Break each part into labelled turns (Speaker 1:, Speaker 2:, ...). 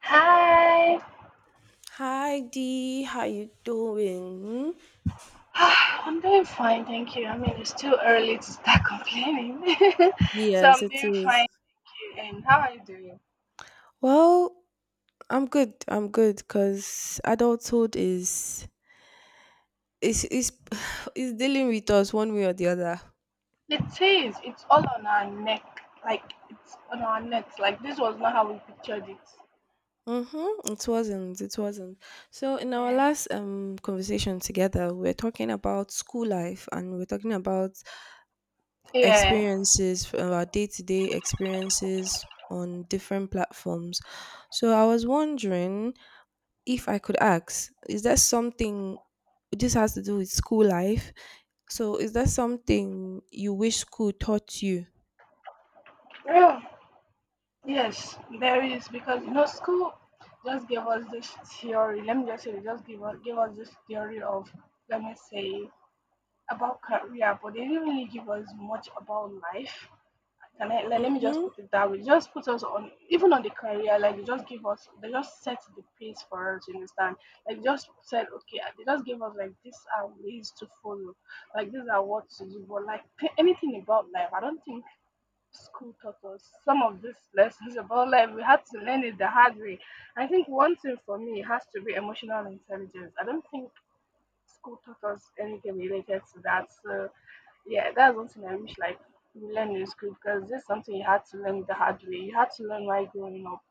Speaker 1: Hi.
Speaker 2: Hi Dee, how you doing?
Speaker 1: I'm doing fine, thank you. I mean, it's too early to start complaining. So
Speaker 2: Yes,
Speaker 1: I'm
Speaker 2: it
Speaker 1: doing fine,
Speaker 2: is.
Speaker 1: thank you. And how are you doing?
Speaker 2: Well, I'm good. I'm good because adulthood is is dealing with us one way or the other.
Speaker 1: It is. It's all on our neck. Like, it's on our necks. Like, this was not how we pictured it.
Speaker 2: Mm-hmm. It wasn't. It wasn't. So in our
Speaker 1: Yeah.
Speaker 2: last conversation together, we were talking about school life and we are talking about
Speaker 1: Yeah.
Speaker 2: experiences, our day to day experiences on different platforms. So I was wondering if I could ask, is there something this has to do with school life? So, is there something you wish school taught you?
Speaker 1: Oh, yes, there is. Because, you know, school just gave us this theory. Let me just say, they just gave us this theory of, let me say, about career, but they didn't really give us much about life. Can I let me just
Speaker 2: Mhm.
Speaker 1: put it that way? Just put us on even on the career, like they just give us they just set the pace for us, you understand? Like just said, okay, they just give us like these are ways to follow, like these are what to do, but like anything about life, I don't think school taught us some of these lessons about life. We had to learn it the hard way. I think one thing for me has to be emotional intelligence. I don't think school taught us anything related to that. So yeah, that's something I wish like we learn in school, because this is something you had to learn the hard way. You had to learn while growing up.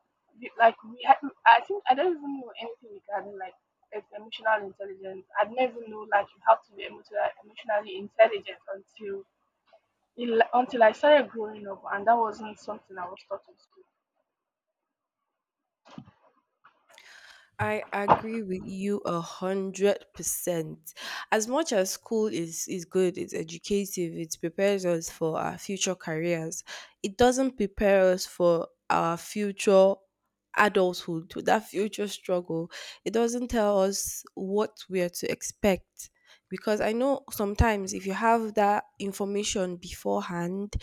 Speaker 1: Like we had, I think I don't even know anything regarding like emotional intelligence. I didn't even know like you have to be emotionally intelligent until I started growing up, and that wasn't something I was taught in school.
Speaker 2: I agree with you 100%. As much as school is good, it's educative, it prepares us for our future careers. It doesn't prepare us for our future adulthood, to that future struggle. It doesn't tell us what we are to expect. Because I know sometimes if you have that information beforehand,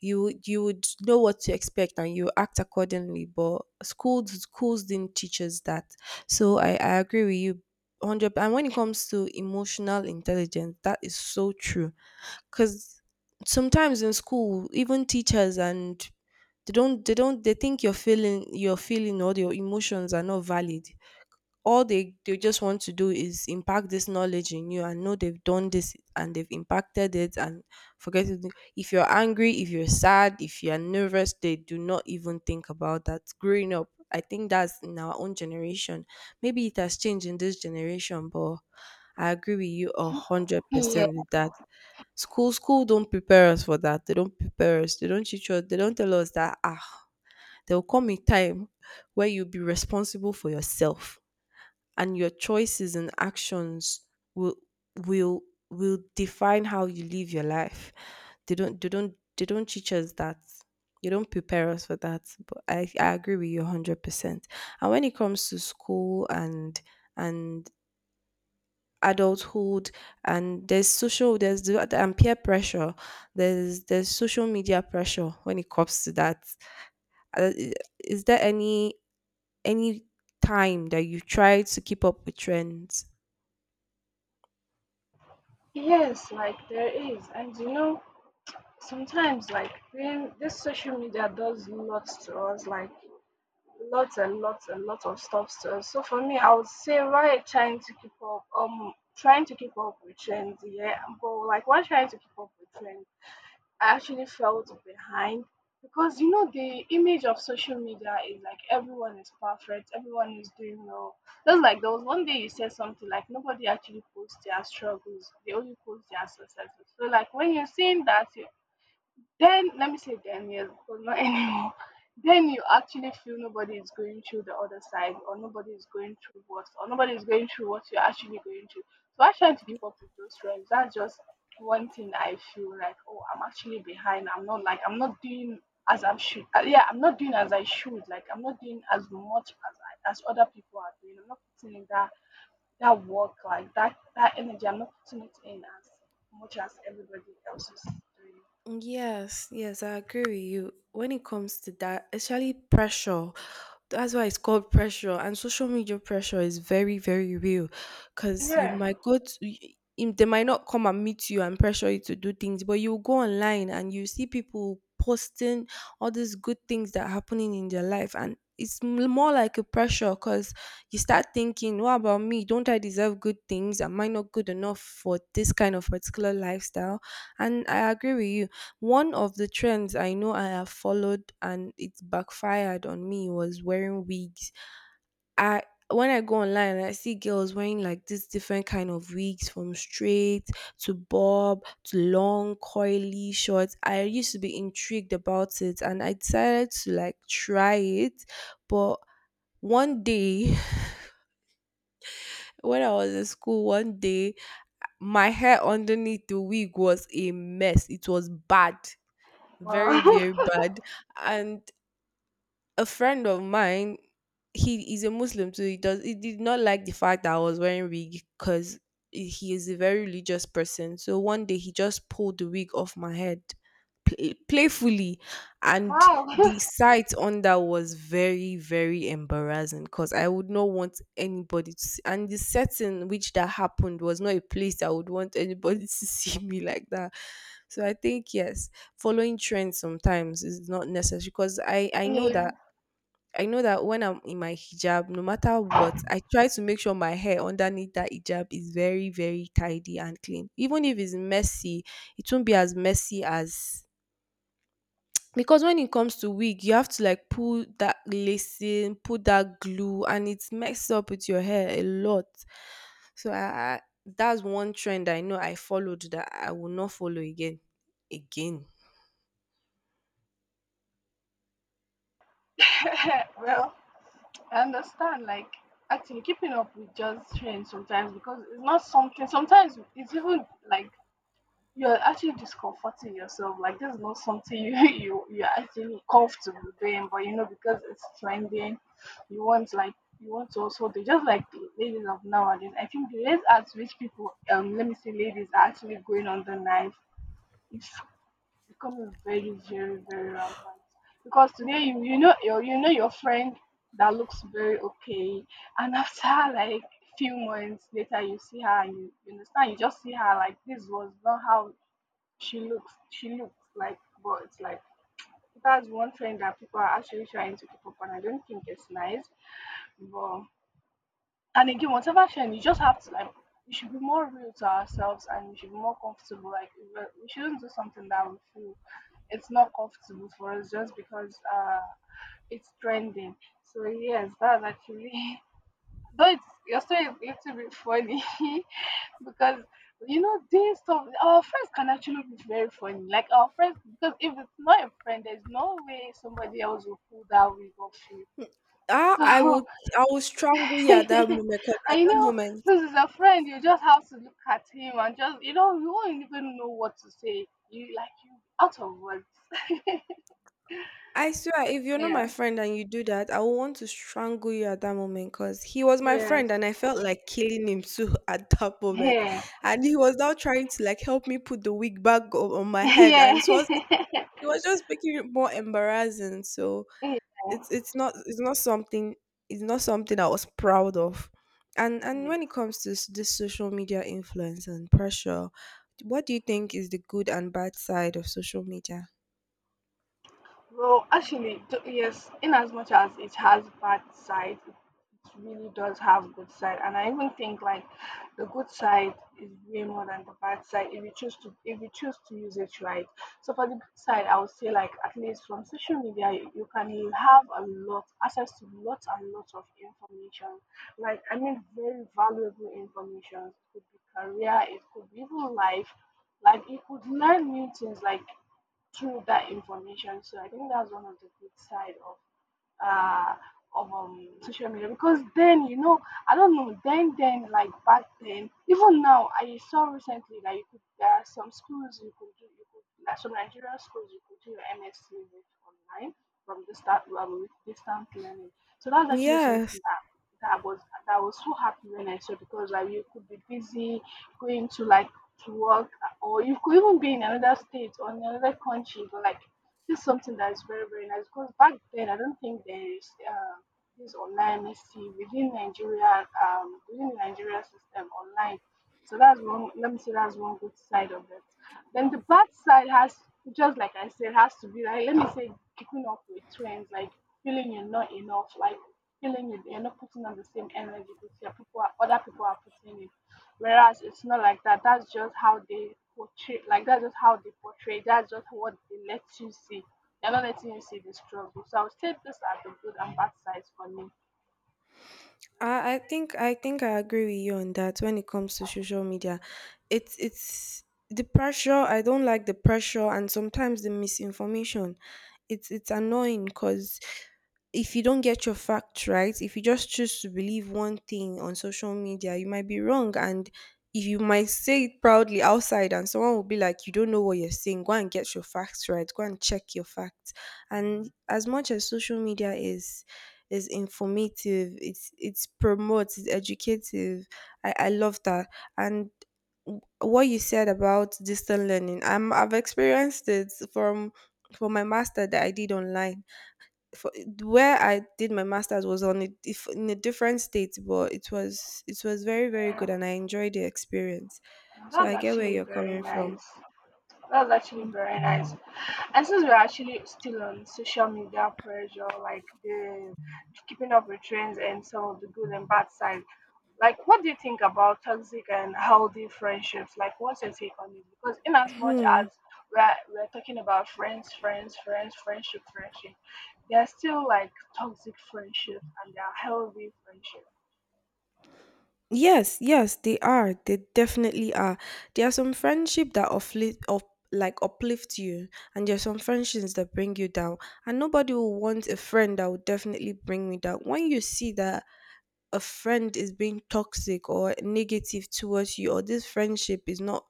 Speaker 2: you would know what to expect and you act accordingly, but schools didn't teach us that. So I agree with you 100. And when it comes to emotional intelligence, that is so true. Because sometimes in school, even teachers and they don't they think your feeling or your emotions are not valid. All they just want to do is impact this knowledge in you and know they've done this and they've impacted it and forget it. If you're angry, if you're sad, if you're nervous, they do not even think about that. Growing up, I think that's in our own generation. Maybe it has changed in this generation, but I agree with you a hundred
Speaker 1: Yeah.
Speaker 2: percent with that. School don't prepare us for that. They don't prepare us. They don't teach us. They don't tell us that ah, there will come a time where you'll be responsible for yourself, and your choices and actions will will will define how you live your life. They don't teach us that. They don't prepare us for that. But I agree with you 100%. And when it comes to school and and adulthood and there's social there's the and peer pressure, there's social media pressure when it comes to that. Uh, i- is there any time that you try to keep up with trends?
Speaker 1: Yes, like there is. And you know, sometimes like this social media does lots to us. Like lots and lots and lots of stuff. So, for me, I would say why trying to keep up, trying to keep up with trends, yeah. But like why trying to keep up with trends, I actually felt behind because you know the image of social media is like everyone is perfect, everyone is doing well. Just like there was one day you said something like nobody actually posts their struggles, they only post their successes. So like when you're seeing that, you then let me say then yes, but not anymore. Then you actually feel nobody is going through the other side, or nobody is going through what, or nobody is going through what you're actually going through. So I try to keep up with those trends. That's just one thing I feel like, oh, I'm actually behind. I'm not doing as I should. Yeah, I'm not doing as I should. Like I'm not doing as much as as other people are doing. I'm not putting in that work, like that energy. I'm not putting it in as much as everybody else is doing.
Speaker 2: Yes, yes, I agree with you. When it comes to that, especially pressure, that's why it's called pressure. And social media pressure is very, very real, because you
Speaker 1: Yeah.
Speaker 2: might go to, they might not come and meet you and pressure you to do things, but you go online and you see people posting all these good things that are happening in their life. And it's more like a pressure, because you start thinking, what about me? Don't I deserve good things? Am I not good enough for this kind of particular lifestyle? And I agree with you. One of the trends I know I have followed and it backfired on me was wearing wigs. I When I go online and I see girls wearing like these different kind of wigs from straight to bob to long coily short, I used to be intrigued about it and I decided to like try it. But one day when I was in school, one day my hair underneath the wig was a mess. It was bad, very
Speaker 1: Wow.
Speaker 2: very bad, and a friend of mine, he is a Muslim, so he did not like the fact that I was wearing wig because he is a very religious person. So one day he just pulled the wig off my head playfully, and the sight on that was very very embarrassing because I would not want anybody to see. And the setting which that happened was not a place I would want anybody to see me like that. So I think yes, following trends sometimes is not necessary, because I know
Speaker 1: Yeah.
Speaker 2: that I know that when I'm in my hijab, no matter what, I try to make sure my hair underneath that hijab is very, very tidy and clean. Even if it's messy, it won't be as messy as, because when it comes to wig, you have to like pull that lacing, put that glue, and it's messed up with your hair a lot. So I that's one trend I know I followed that I will not follow again. Again.
Speaker 1: Well, I understand. Like, actually, keeping up with just trends sometimes, because it's not something. Sometimes it's even like you're actually discomforting yourself. Like, this is not something you you're actually comfortable doing, but you know because it's trending, you want to also do just like the ladies of nowadays. I think the rates at which let me say, ladies are actually going on the knife, becoming very, very, very rampant, because today you know your friend that looks very okay, and after like few months later you see her and you understand, you just see her, like, this was not how she looks like, but it's like that's one trend that people are actually trying to keep up on. I don't think it's nice, but and again, whatever trend, you just have to like, we should be more real to ourselves and we should be more comfortable, like we shouldn't do something that we feel it's not comfortable for us just because it's trending. So yes, that's actually though it's your story is a little bit funny. Because you know this stuff, our friends can actually be very funny. Like our friends, because if it's not a friend, there's no way somebody else will pull that wig off you.
Speaker 2: Ah,
Speaker 1: So
Speaker 2: I will strangle you at that moment, 'cause at
Speaker 1: I
Speaker 2: that
Speaker 1: know,
Speaker 2: moment
Speaker 1: since it's a friend, you just have to look at him and just you know, you won't even know what to say. You out of words.
Speaker 2: I swear, if you're not
Speaker 1: Yeah.
Speaker 2: my friend and you do that, I will want to strangle you at that moment because he was my
Speaker 1: Yes.
Speaker 2: friend and I felt like killing him too at that moment.
Speaker 1: Yeah.
Speaker 2: And he was now trying to like help me put the wig back on my head,
Speaker 1: Yeah.
Speaker 2: and it was
Speaker 1: Yes.
Speaker 2: he was just making it more embarrassing. So it's it's not it's not something it's not something I was proud of. And
Speaker 1: Yes.
Speaker 2: when it comes to this social media influence and pressure, what do you think is the good and bad side of social media?
Speaker 1: Well, actually, yes, in as much as it has bad side, it really does have good side. And I even think like the good side is way more than the bad side if you choose to use it right. So for the good side, I would say like at least from social media, you can have a lot access to lots and lots of information. Like I mean, very valuable information. It could be career, it could be even life. Like you could learn new things. Like through that information. So I think that's one of the good side uh, of social media, because then you know, I don't know, then like back then, even now I saw recently that you could there are some schools, you could do you could like some Nigerian schools you could do your MSc with online from the start, with distant learning. So that's actually
Speaker 2: Yeah,
Speaker 1: something that was that I was so happy when I saw, because like you could be busy going to like to work, or you could even be in another state or in another country, but like this is something that is very, very nice. Because back then I don't think there is this online mystery within Nigeria, within the Nigeria system online. So that's one, let me say that's one good side of it. Then the bad side has, just like I said, has to be like, let me say, keeping up with trends, like feeling you're not enough, like feeling you're not putting on the same energy that people other people are putting in. Whereas it's not like that. That's just how they portray. Like that's just how they portray. That's just what they let you see. They're not letting you see the struggle. So I would take this as the good and bad sides for me.
Speaker 2: I think I think I agree with you on that when it comes to social media. It's The pressure, I don't like the pressure and sometimes the misinformation. It's annoying because if you don't get your facts right, if you just choose to believe one thing on social media, you might be wrong, and if you might say it proudly outside and someone will be like, "You don't know what you're saying, go and get your facts right, go and check your facts." And as much as social media is it's informative, it's promotes, it's educative. I love that. And what you said about distant learning, I've experienced it from my master that I did online. For Where I did my masters was on a, in a different state, but it was very very
Speaker 1: Yeah,
Speaker 2: good, and I enjoyed the experience. So
Speaker 1: that's
Speaker 2: I get where
Speaker 1: actually
Speaker 2: you're
Speaker 1: very
Speaker 2: coming from.
Speaker 1: nice. That's actually very nice. I, since we're actually still on social media pressure, like the keeping up with trends and some of the good and bad side, like what do you think about toxic and healthy friendships? Like, what's your take on it? Because in as much as
Speaker 2: Hmm.
Speaker 1: we're we're talking about friends, friendship, there are still like toxic friendships and there are healthy friendships.
Speaker 2: Yes, yes, they are. They definitely are. There are some friendship that uplift, up, like uplift you, and there are some friendships that bring you down. And nobody will want a friend that will definitely bring me down. When you see that a friend is being toxic or negative towards you, or this friendship is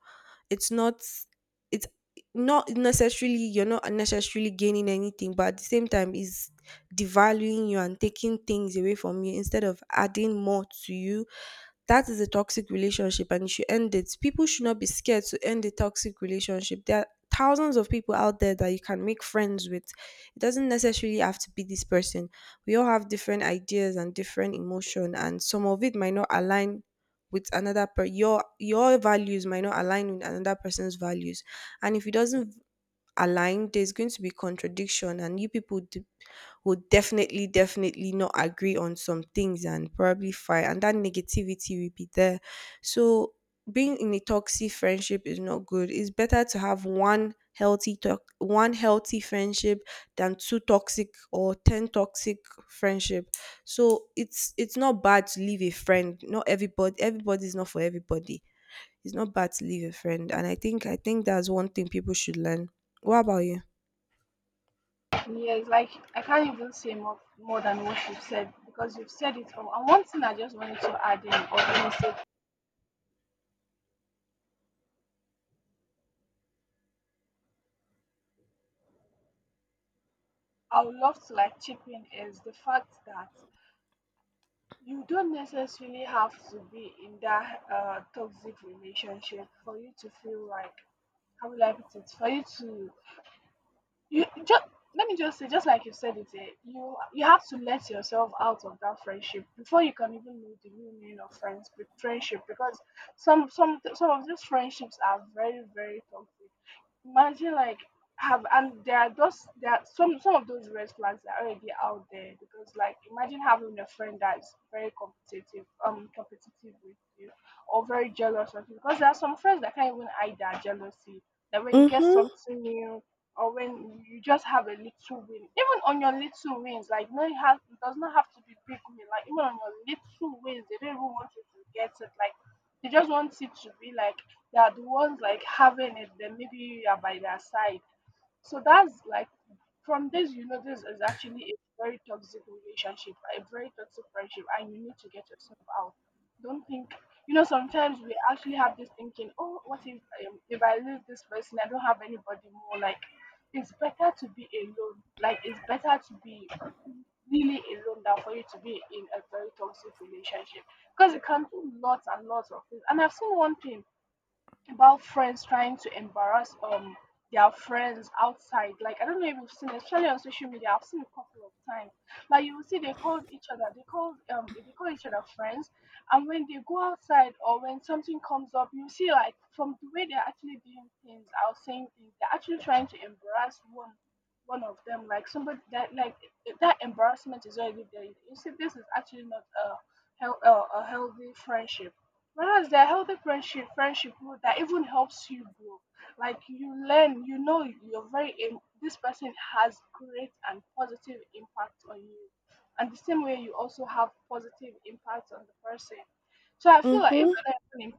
Speaker 2: it's not it's not necessarily, you're not necessarily gaining anything, but at the same time is devaluing you and taking things away from you instead of adding more to you, that is a toxic relationship and you should end it. People should not be scared to end a toxic relationship. There are thousands of people out there that you can make friends with. It doesn't necessarily have to be this person. We all have different ideas and different emotion, and some of it might not align with another per your values might not align with another person's values. And if it doesn't align, there's going to be contradiction and you would definitely, definitely not agree on some things, and probably fight, and that negativity will be there. So, being in a toxic friendship is not good. It's better to have one healthy friendship than two toxic or ten toxic friendship. So it's not bad to leave a friend. Not everybody, everybody is not for everybody. It's not bad to leave a friend, and I think that's one thing people should learn. What about you?
Speaker 1: Yes, like I can't even say more than what you've said, because you've said it all. And one thing I just wanted to add in or even say I would love to like chip in is the fact that you don't necessarily have to be in that toxic relationship for you to feel like, how will I put it, for you to, you just let me just say, just like you said it, you have to let yourself out of that friendship before you can even know the real meaning of friendship, because some of these friendships are very, very toxic. Imagine like have and there are those there are some of those red flags that are already out there. Because like imagine having a friend that's very competitive with you, or very jealous of you, because there are some friends that can't even hide their jealousy, that when you get
Speaker 2: Mhm.
Speaker 1: something new, or when you just have a little win, even on your little wins, like no, it does not have to be big win, like even on your little wins they don't even want you to get it, like they just want it to be like they are the ones like having it, then maybe you are by their side. So that's like from this, you know, this is actually a very toxic relationship, a very toxic friendship, and you need to get yourself out. Don't think, you know, sometimes we actually have this thinking, oh, what if I lose this person, I don't have anybody more. Like, it's better to be alone. Like, it's better to be really alone than for you to be in a very toxic relationship, because it can do lots and lots of things. And I've seen one thing about friends trying to embarrass their friends outside. Like I don't know if you've seen, especially on social media, I've seen a couple of times. Like you will see they call each other, they call each other friends, and when they go outside or when something comes up, you see like from the way they're actually doing things or saying things, they're actually trying to embarrass one of them. Like somebody that that embarrassment is already there. You see, this is actually not a a healthy friendship. Whereas there are healthy friendship, that even helps you grow. Like you learn, you know you're this person has great and positive impact on you. And the same way you also have positive impact on the person. So I feel like if you're
Speaker 2: Mhm.
Speaker 1: not even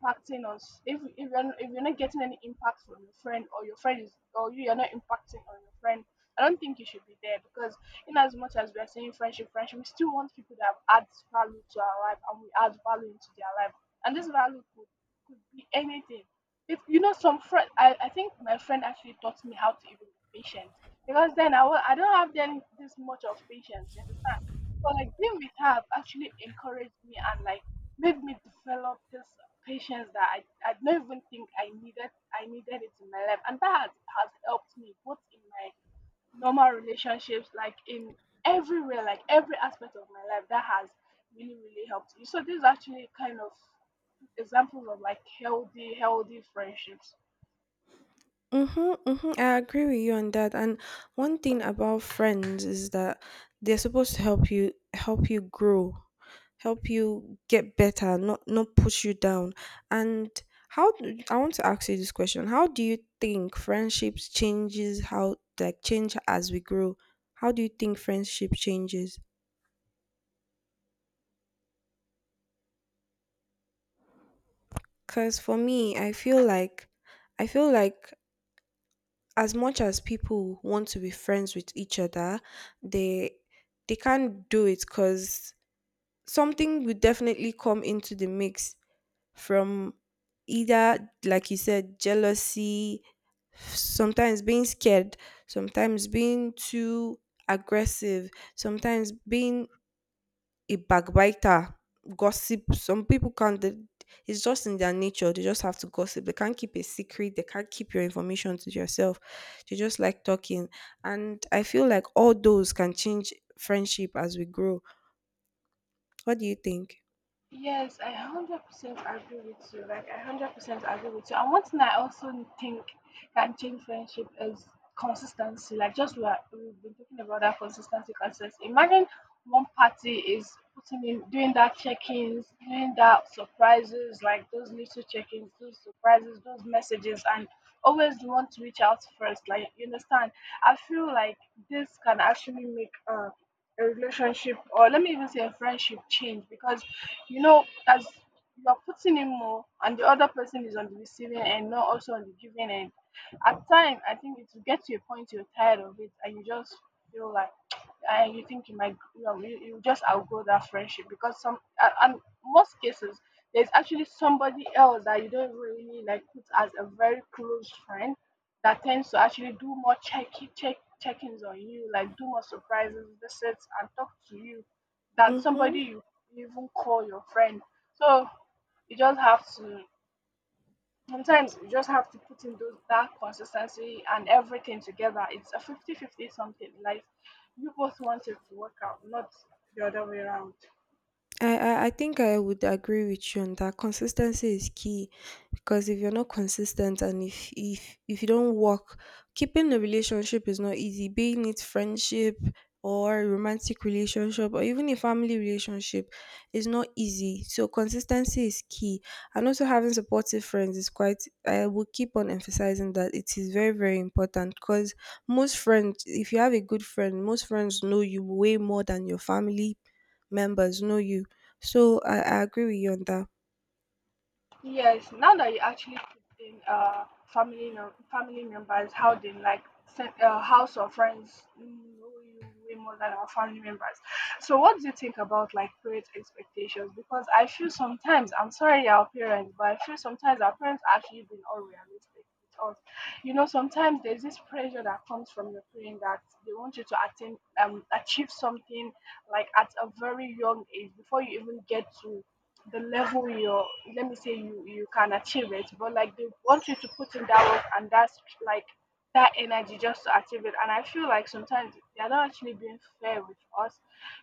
Speaker 1: impacting us, if you're not- if you're not getting any impact from your friend or your friend is or you're not impacting on your friend, I don't think you should be there because in as much as we are saying friendship, we still want people that add value to our life and we add value into their life, and this value could be anything. If you know some friend, I think my friend actually taught me how to even be patient because then I will, I don't have then this much of patience. You understand? But like being with her actually encouraged me and like made me develop this patience that I don't even think I needed it in my life, and that has helped me both in my normal relationships, like in everywhere, like every aspect of my life, that has really really helped me. So this is actually kind of examples of like healthy friendships.
Speaker 2: Mm-hmm, mm-hmm. I agree with you on that. And one thing about friends is that they're supposed to help you grow, help you get better, not push you down. And I want to ask you this question. How do you think friendships change as we grow? How do you think friendship changes? Cause for me, I feel like as much as people want to be friends with each other, they they can't do it because something will definitely come into the mix from either, like you said, jealousy, sometimes being scared, sometimes being too aggressive, sometimes being a backbiter, gossip. Some people can't. It's just in their nature. They just have to gossip. They can't keep a secret. They can't keep your information to yourself. They just like talking. And I feel like all those can change friendship as we grow. What do you think?
Speaker 1: Yes, I 100% agree with you. Like, I 100% agree with you. And one thing I also think can change friendship is consistency. Like, just we've been talking about that consistency. Imagine one party is putting in, doing that check ins, doing that surprises, like those little check ins, those surprises, those messages, and always you want to reach out first. Like, you understand? I feel like this can actually make a relationship, or let me even say a friendship, change because you know as you are putting in more and the other person is on the receiving end, not also on the giving end, at time I think it will get to a point you're tired of it and you just feel like and you think you might you just outgrow that friendship because some and most cases there's actually somebody else that you don't really like put as a very close friend that tends to actually do more check-ins on you, like do more surprises visits and talk to you than somebody
Speaker 2: Mm-hmm.
Speaker 1: you even call your friend. So you just have to sometimes you just have to put in those that consistency and everything together. It's a 50-50 something. Like you both want it to work out, not the other way around.
Speaker 2: I think I would agree with you on that. Consistency is key, because if you're not consistent and if you don't work, keeping a relationship is not easy. Being it friendship or a romantic relationship or even a family relationship is not easy. So consistency is key. And also having supportive friends is quite I will keep on emphasizing that it is very, very important because most friends, if you have a good friend, most friends know you way more than your family members know you. So I agree with you on that.
Speaker 1: Yes, now that you actually put in family members, how they house or friends know you way more than our family members. So what do you think about like parents' expectations? Because I feel sometimes, I'm sorry our parents, but I feel sometimes our parents actually been unrealistic with us. You know, sometimes there's this pressure that comes from your parents that they want you to attain achieve something like at a very young age before you even get to the level you're, let me say you can achieve it, but like they want you to put in that work and that's like that energy just to achieve it. And I feel like sometimes they're not actually being fair with us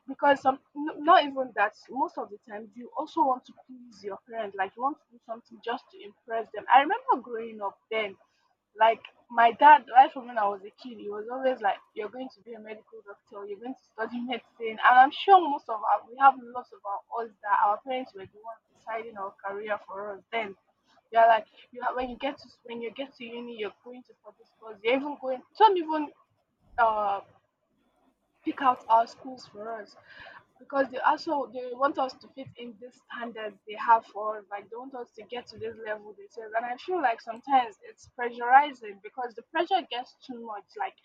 Speaker 1: because not even that, most of the times you also want to please your parents, like you want to do something just to impress them. I remember growing up then, like my dad, right from when I was a kid, he was always like, "You're going to be a medical doctor. You're going to study medicine." And I'm sure most of us, we have lots of our us that our parents were the ones deciding our career for us. Then they're like, "You have, when you get to uni, you're going to for this course. You're even going." Some even uh pick out our schools for us because they also they want us to fit in these standards they have for us. Like they want us to get to this level they say. And I feel like sometimes it's pressurizing because the pressure gets too much. Like,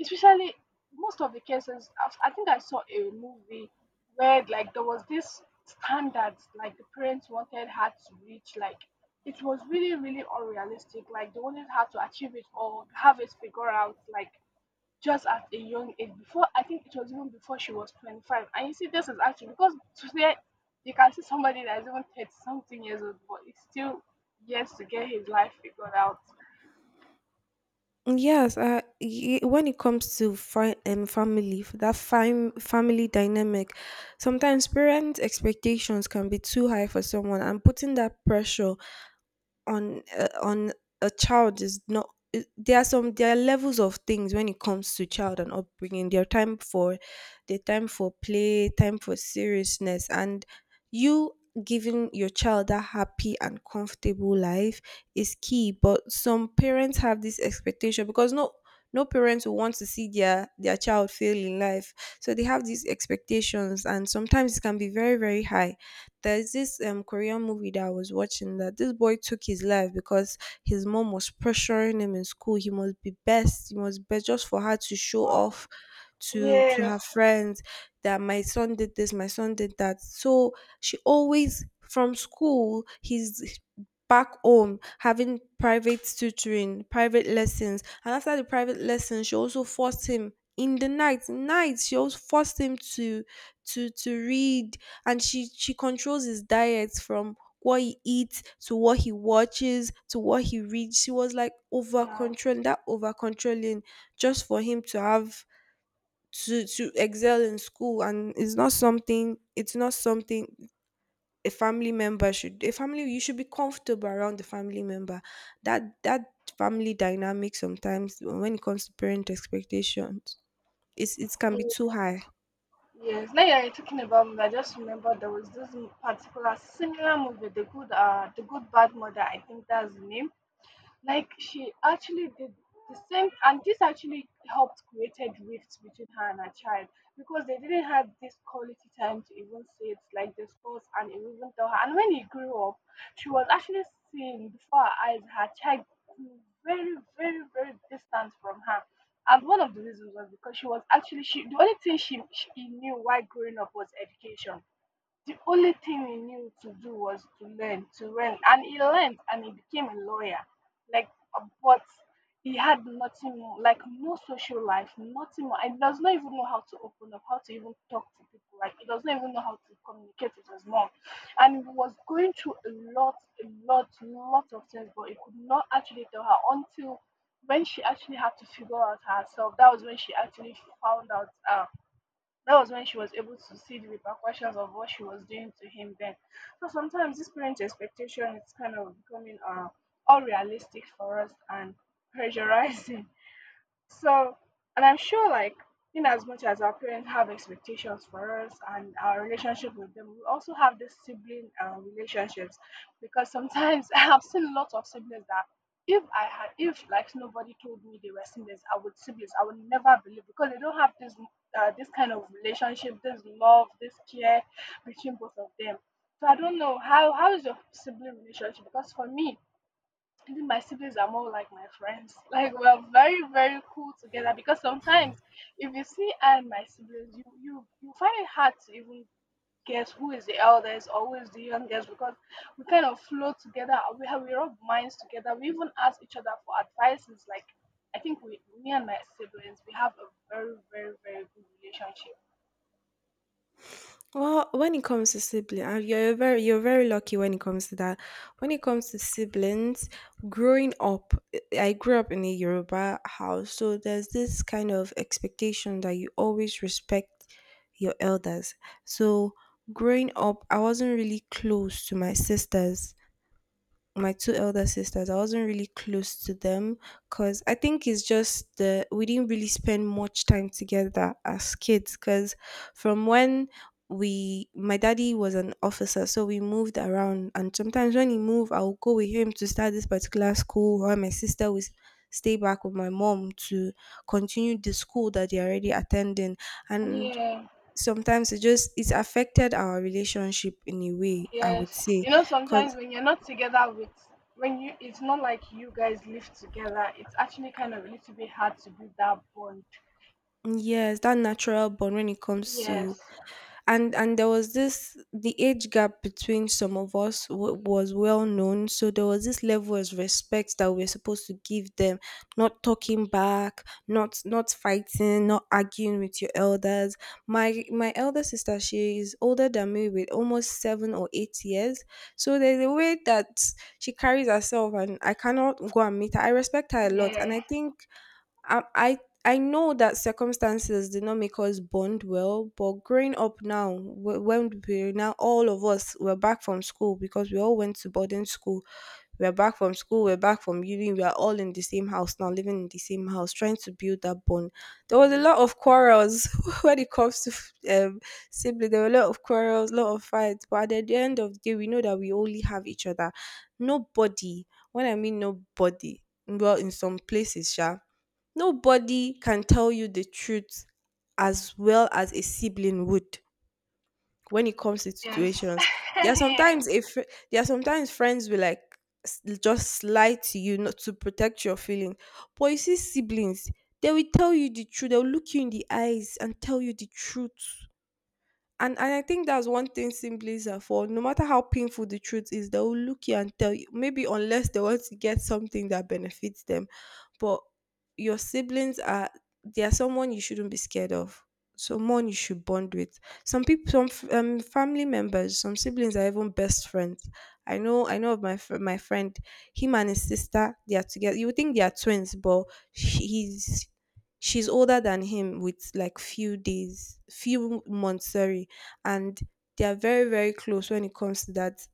Speaker 1: especially most of the cases, I've, I think I saw a movie where like there was this standards like the parents wanted her to reach. Like it was really really unrealistic. Like they wanted her to achieve it or have it figured out. Like just at a young age, before I think it was even before she was 25. And you see, this is actually because today you can see somebody that is even 30 something years old but it's still years to get his life figured out.
Speaker 2: Mm, yes, when it comes to family, that family dynamic, sometimes parent expectations can be too high for someone, and putting that pressure on a child is not I- there are some there are levels of things when it comes to child and upbringing. There are time for play, time for seriousness, and you giving your child that happy and comfortable life is key. But some parents have this expectation because no, no parents will want to see their child fail in life. So they have these expectations, and sometimes it can be very, very high. There's this Korean movie that I was watching, that this boy took his life because his mom was pressuring him in school. He must be best. He must be, just for her to show
Speaker 1: Wow.
Speaker 2: off to
Speaker 1: Yes.
Speaker 2: her friends that my son did this, my son did that. So she always, from school, he's back home having private tutoring, private lessons. And after the private lessons, she also forced him in the night. Night, she also forced him to read. And she controls his diet, from what he eats to what he watches to what he reads. She was like over
Speaker 1: Yeah.
Speaker 2: controlling that over controlling just for him to have to excel in school. And it's not something a family, you should be comfortable around the family member. That that family dynamic, sometimes when it comes to parent expectations, it can be too
Speaker 1: Mm.
Speaker 2: high.
Speaker 1: Yes, now you're talking about movie. I just remember there was particular similar movie, The Good Bad Mother. I think that's the name. Like she actually did the same, and this actually helped created rifts between her and her child because they didn't have this quality time to even say it like this first and even tell her. And when he grew up, she was actually seeing before her eyes her child grew very, very, very distant from her. And one of the reasons was because she was actually she the only thing she he knew while growing up was education. The only thing he knew to do was to learn, and he learned, and he became a lawyer. Like, but he had nothing more, like no social life, nothing more, and he does not even know how to open up, how to even talk to people. Like, he does not even know how to communicate with his mom, and he was going through a lot, lot of things, but he could not actually tell her until when she actually had to figure out herself. That was when she actually found out. That was when she was able to see the repercussions of what she was doing to him then. So sometimes this parent expectation is kind of becoming unrealistic for us and pressurizing. So, and I'm sure, like, in as much as our parents have expectations for us and our relationship with them, we also have this sibling relationships because sometimes I have seen lots of siblings that if I had, if like nobody told me they were siblings, I would never believe because they don't have this this kind of relationship, this love, this care between both of them. So I don't know how is your sibling relationship. Because for me, I think my siblings are more like my friends. Like we're very, very cool together because sometimes if you see I and my siblings, you find it hard to even guess who is the eldest or who is the youngest because we kind of flow together. We have we rub minds together. We even ask each other for advices. Like I think we me and my siblings we have a very, very, very good relationship.
Speaker 2: Well, when it comes to siblings, you're very lucky when it comes to that. When it comes to siblings, growing up, I grew up in a Yoruba house, so there's this kind of expectation that you always respect your elders. So growing up, I wasn't really close to my sisters, my two elder sisters. I wasn't really close to them because I think it's just the we didn't really spend much time together as kids. Because from when we my daddy was an officer, so we moved around, and sometimes when he moved, I'll go with him to start this particular school, while my sister was stay back with my mom to continue the school that they're already attending. And sometimes it's affected our relationship in a way, I would
Speaker 1: Yes,
Speaker 2: say,
Speaker 1: you know, sometimes
Speaker 2: because
Speaker 1: when you're not together with, when you, it's not like you guys live together, it's actually kind of a little bit hard to build that bond.
Speaker 2: yes, that natural bond when it comes to...
Speaker 1: Yes,
Speaker 2: And there was this, the age gap between some of us was well known, so there was this level of respect that we are supposed to give them, not talking back, not fighting, not arguing with your elders. My elder sister, she is older than me with almost 7 or 8 years, so there's a way that she carries herself, and I cannot go and meet her. I respect her a lot,
Speaker 1: yeah,
Speaker 2: and I think I I I know that circumstances did not make us bond well. But growing up now, when we, now all of us were back from school, because we all went to boarding school. We're back from school, we're back from uni, we are all in the same house now, living in the same house, trying to build that bond. There was a lot of quarrels when it comes to siblings. There were a lot of quarrels, a lot of fights, but at the end of the day, we know that we only have each other. Nobody, when I mean nobody, well, in some places, yeah, nobody can tell you the truth as well as a sibling would when it comes to
Speaker 1: yes,
Speaker 2: situations. There are
Speaker 1: yes,
Speaker 2: sometimes, if there are sometimes friends will like just lie to you, not to protect your feeling. But you see siblings, they will tell you the truth. They'll look you in the eyes and tell you the truth. And I think that's one thing siblings are for. No matter how painful the truth is, they will look you and tell you. Maybe unless they want to get something that benefits them, but your siblings are, they are someone you shouldn't be scared of. Someone you should bond with. Some people, some family members, some siblings are even best friends. I know of my my friend. Him and his sister, they are together. You would think they are twins, but she- he's she's older than him with like few days, few months. Sorry. And they are very, very close when it comes to that.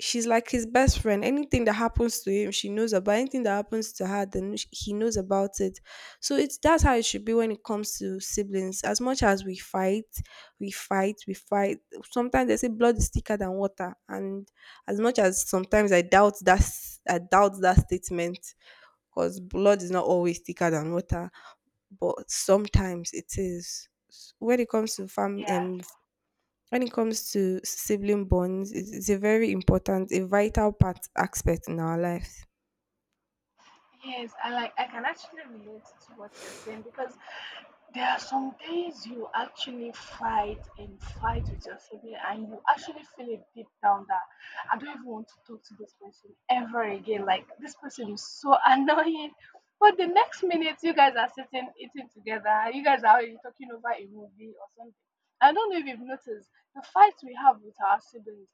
Speaker 2: She's like his best friend. Anything that happens to him, she knows about. Anything that happens to her, then he knows about it. So it's, that's how it should be when it comes to siblings. As much as we fight, we fight, sometimes they say blood is thicker than water. And as much as sometimes I doubt that I doubt that statement, because blood is not always thicker than water, but sometimes it is. When it comes to
Speaker 1: yeah,
Speaker 2: when it comes to sibling bonds, it's a very important, a vital part aspect in our lives.
Speaker 1: yes. I like, I can actually relate to what you're saying because there are some days you actually fight and fight with your sibling, and you actually feel it deep down that I don't even want to talk to this person ever again. Like, this person is so annoying. But the next minute, you guys are sitting eating together, you guys are already talking over a movie or something. I don't know if you've noticed the fights we have with our siblings.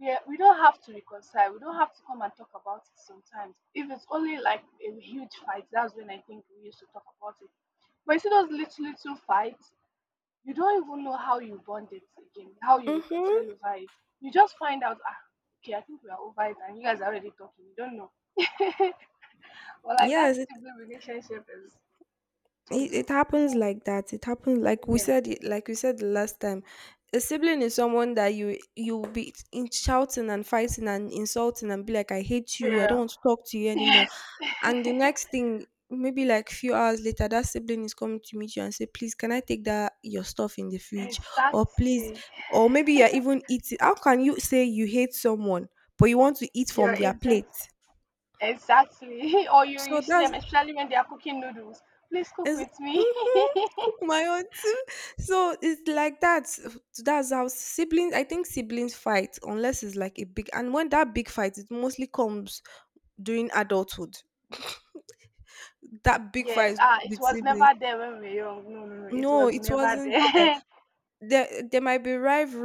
Speaker 1: We don't have to reconcile. We don't have to come and talk about it sometimes. If it's only like a huge fight, that's when I think we used to talk about it. But you see those little little fights, you don't even know how you bond it again, how you reconcile
Speaker 2: Mm-hmm.
Speaker 1: over it. You just find out, ah, okay, I think we are over it, and you guys are already talking. You don't know. Well, like, that
Speaker 2: Yes,
Speaker 1: sibling relationship is
Speaker 2: it happens like that. It happens, like we
Speaker 1: yeah,
Speaker 2: said, it like we said the last time, a sibling is someone that you will be in shouting and fighting and insulting and be like, "I hate you, I don't
Speaker 1: yeah,
Speaker 2: want to talk to you anymore."
Speaker 1: yes,
Speaker 2: And the next thing, maybe like few hours later, that sibling is coming to meet you and say, "Please, can I take that your stuff in the fridge?" Or please,
Speaker 1: exactly.
Speaker 2: or maybe you're even eating. How can you say you hate someone but you want to eat
Speaker 1: Your
Speaker 2: from their
Speaker 1: agent,
Speaker 2: plate?
Speaker 1: exactly. Or you
Speaker 2: So
Speaker 1: see
Speaker 2: that's...
Speaker 1: them, especially when they are cooking noodles. Please cook
Speaker 2: is,
Speaker 1: with me.
Speaker 2: mhm, cook my own too. So it's like that. That's how siblings. I think siblings fight, unless it's like a big. And when that big fight, it mostly comes during adulthood. That big
Speaker 1: Yes,
Speaker 2: fight
Speaker 1: ah, it
Speaker 2: with
Speaker 1: was never
Speaker 2: siblings.
Speaker 1: there when we were young. No, no, no, it
Speaker 2: No,
Speaker 1: was
Speaker 2: it
Speaker 1: never
Speaker 2: wasn't.
Speaker 1: there.
Speaker 2: There might be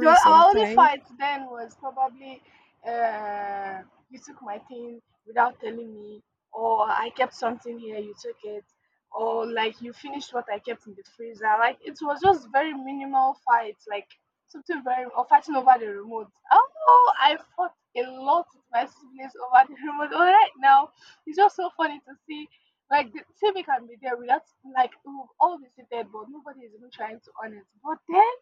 Speaker 1: Our only
Speaker 2: sometimes.
Speaker 1: fight then was probably uh, you took my thing without telling me, or I kept something here, you took it, or like you finished what I kept in the freezer. Like it was just very minimal fights, like something very or fighting over the remote. Oh, I fought a lot with my siblings over the remote. All right now, it's just so funny to see. Like the TV can be there without like we've all visited, but nobody is even trying to on it. But then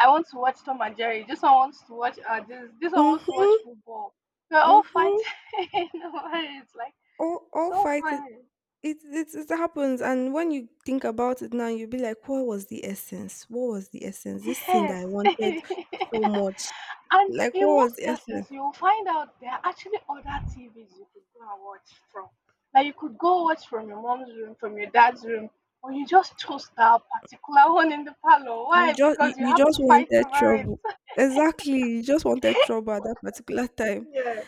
Speaker 1: I want to watch Tom and Jerry. This one wants to watch this one wants to watch
Speaker 2: Mhm,
Speaker 1: football. We're all
Speaker 2: mhm.
Speaker 1: fighting. over it. It's like
Speaker 2: All
Speaker 1: so
Speaker 2: fight. It
Speaker 1: funny.
Speaker 2: it it happens, and when you think about it now, you'll be like, "What was the essence? What was the essence? This thing that
Speaker 1: Yes.
Speaker 2: I
Speaker 1: And
Speaker 2: wanted so much, like,
Speaker 1: in
Speaker 2: what was
Speaker 1: most
Speaker 2: the
Speaker 1: cases
Speaker 2: essence?"
Speaker 1: you'll find out there are actually other TVs you could go and watch from. Like you could go watch from your mom's room, from your dad's room, or you just chose that particular one in the parlor. Why? Because you
Speaker 2: You
Speaker 1: have to
Speaker 2: just
Speaker 1: fight
Speaker 2: wanted
Speaker 1: over it.
Speaker 2: trouble, exactly. You just wanted trouble at that particular time,
Speaker 1: Yeah.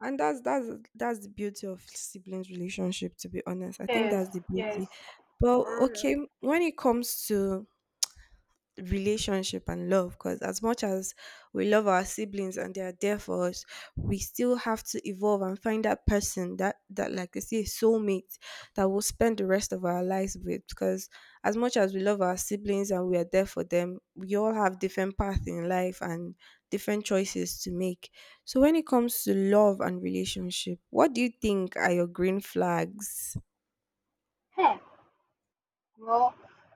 Speaker 2: and that's that's the beauty of siblings relationship. To be honest, I think
Speaker 1: Yes,
Speaker 2: that's the beauty.
Speaker 1: yes.
Speaker 2: But
Speaker 1: For
Speaker 2: okay,
Speaker 1: real.
Speaker 2: when it comes to relationship and love, because as much as we love our siblings and they are there for us, we still have to evolve and find that person that, like they say, soulmate that we'll spend the rest of our lives with. Because as much as we love our siblings and we are there for them, we all have different paths in life and different choices to make. So when it comes to love and relationship, what do you think are your green flags?
Speaker 1: Hey, well,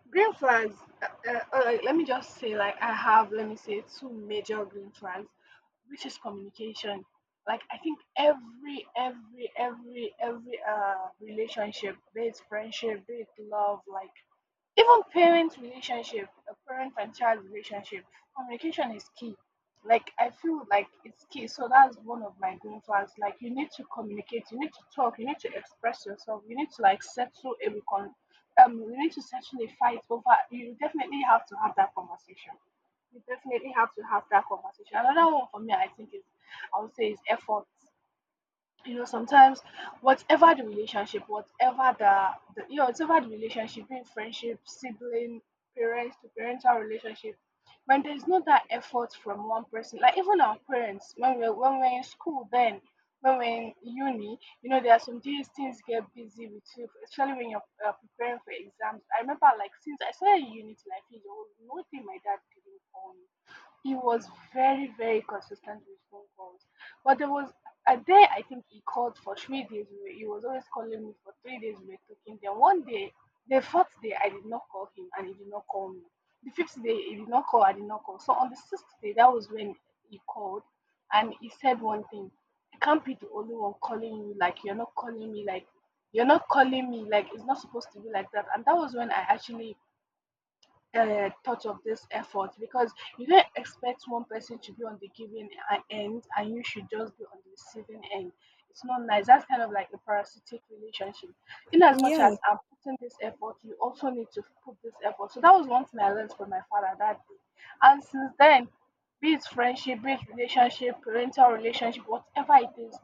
Speaker 1: green flags. Like, let me just say, like I have, let me say, two major green flags, which is communication. Like I think every relationship, be it friendship, be it love, like even parent relationship, a parent and child relationship, communication is key. Like I feel like it's key. So that's one of my green flags. Like you need to communicate, you need to talk, you need to express yourself, you need to like settle a recon you need to settle a fight over, you definitely have to have that conversation you definitely have to have that conversation. Another one for me I think is, I would say is effort. You know, sometimes whatever the relationship, whatever the you know whatever the relationship, being friendship, sibling, parents to parental relationship, when there's not that effort from one person, like even our parents when we're in school, then when we're in uni, you know, there are some days things get busy with you, especially when you're preparing for exams. I remember like since I started uni till I finished, there was nothing my dad didn't for me. He was very, very consistent with phone calls. But there was a day I think he called for 3 days. He was always calling me for 3 days. We were talking. Then one day, the fourth day, I did not call him and he did not call me. The fifth day, he did not call. I did not call. So on the sixth day, that was when he called and he said one thing. It can't be the only one calling you, like you're not calling me, like it's not supposed to be like that. And that was when I actually thought of this effort, because you don't expect one person to be on the giving end and you should just be on the receiving end. It's not nice. That's kind of like a parasitic relationship. In as much
Speaker 2: Yeah,
Speaker 1: as I'm putting this effort, you also need to put this effort. So that was one thing I learned from my father that day. And since then, be it friendship, be it relationship, parental relationship, whatever it is,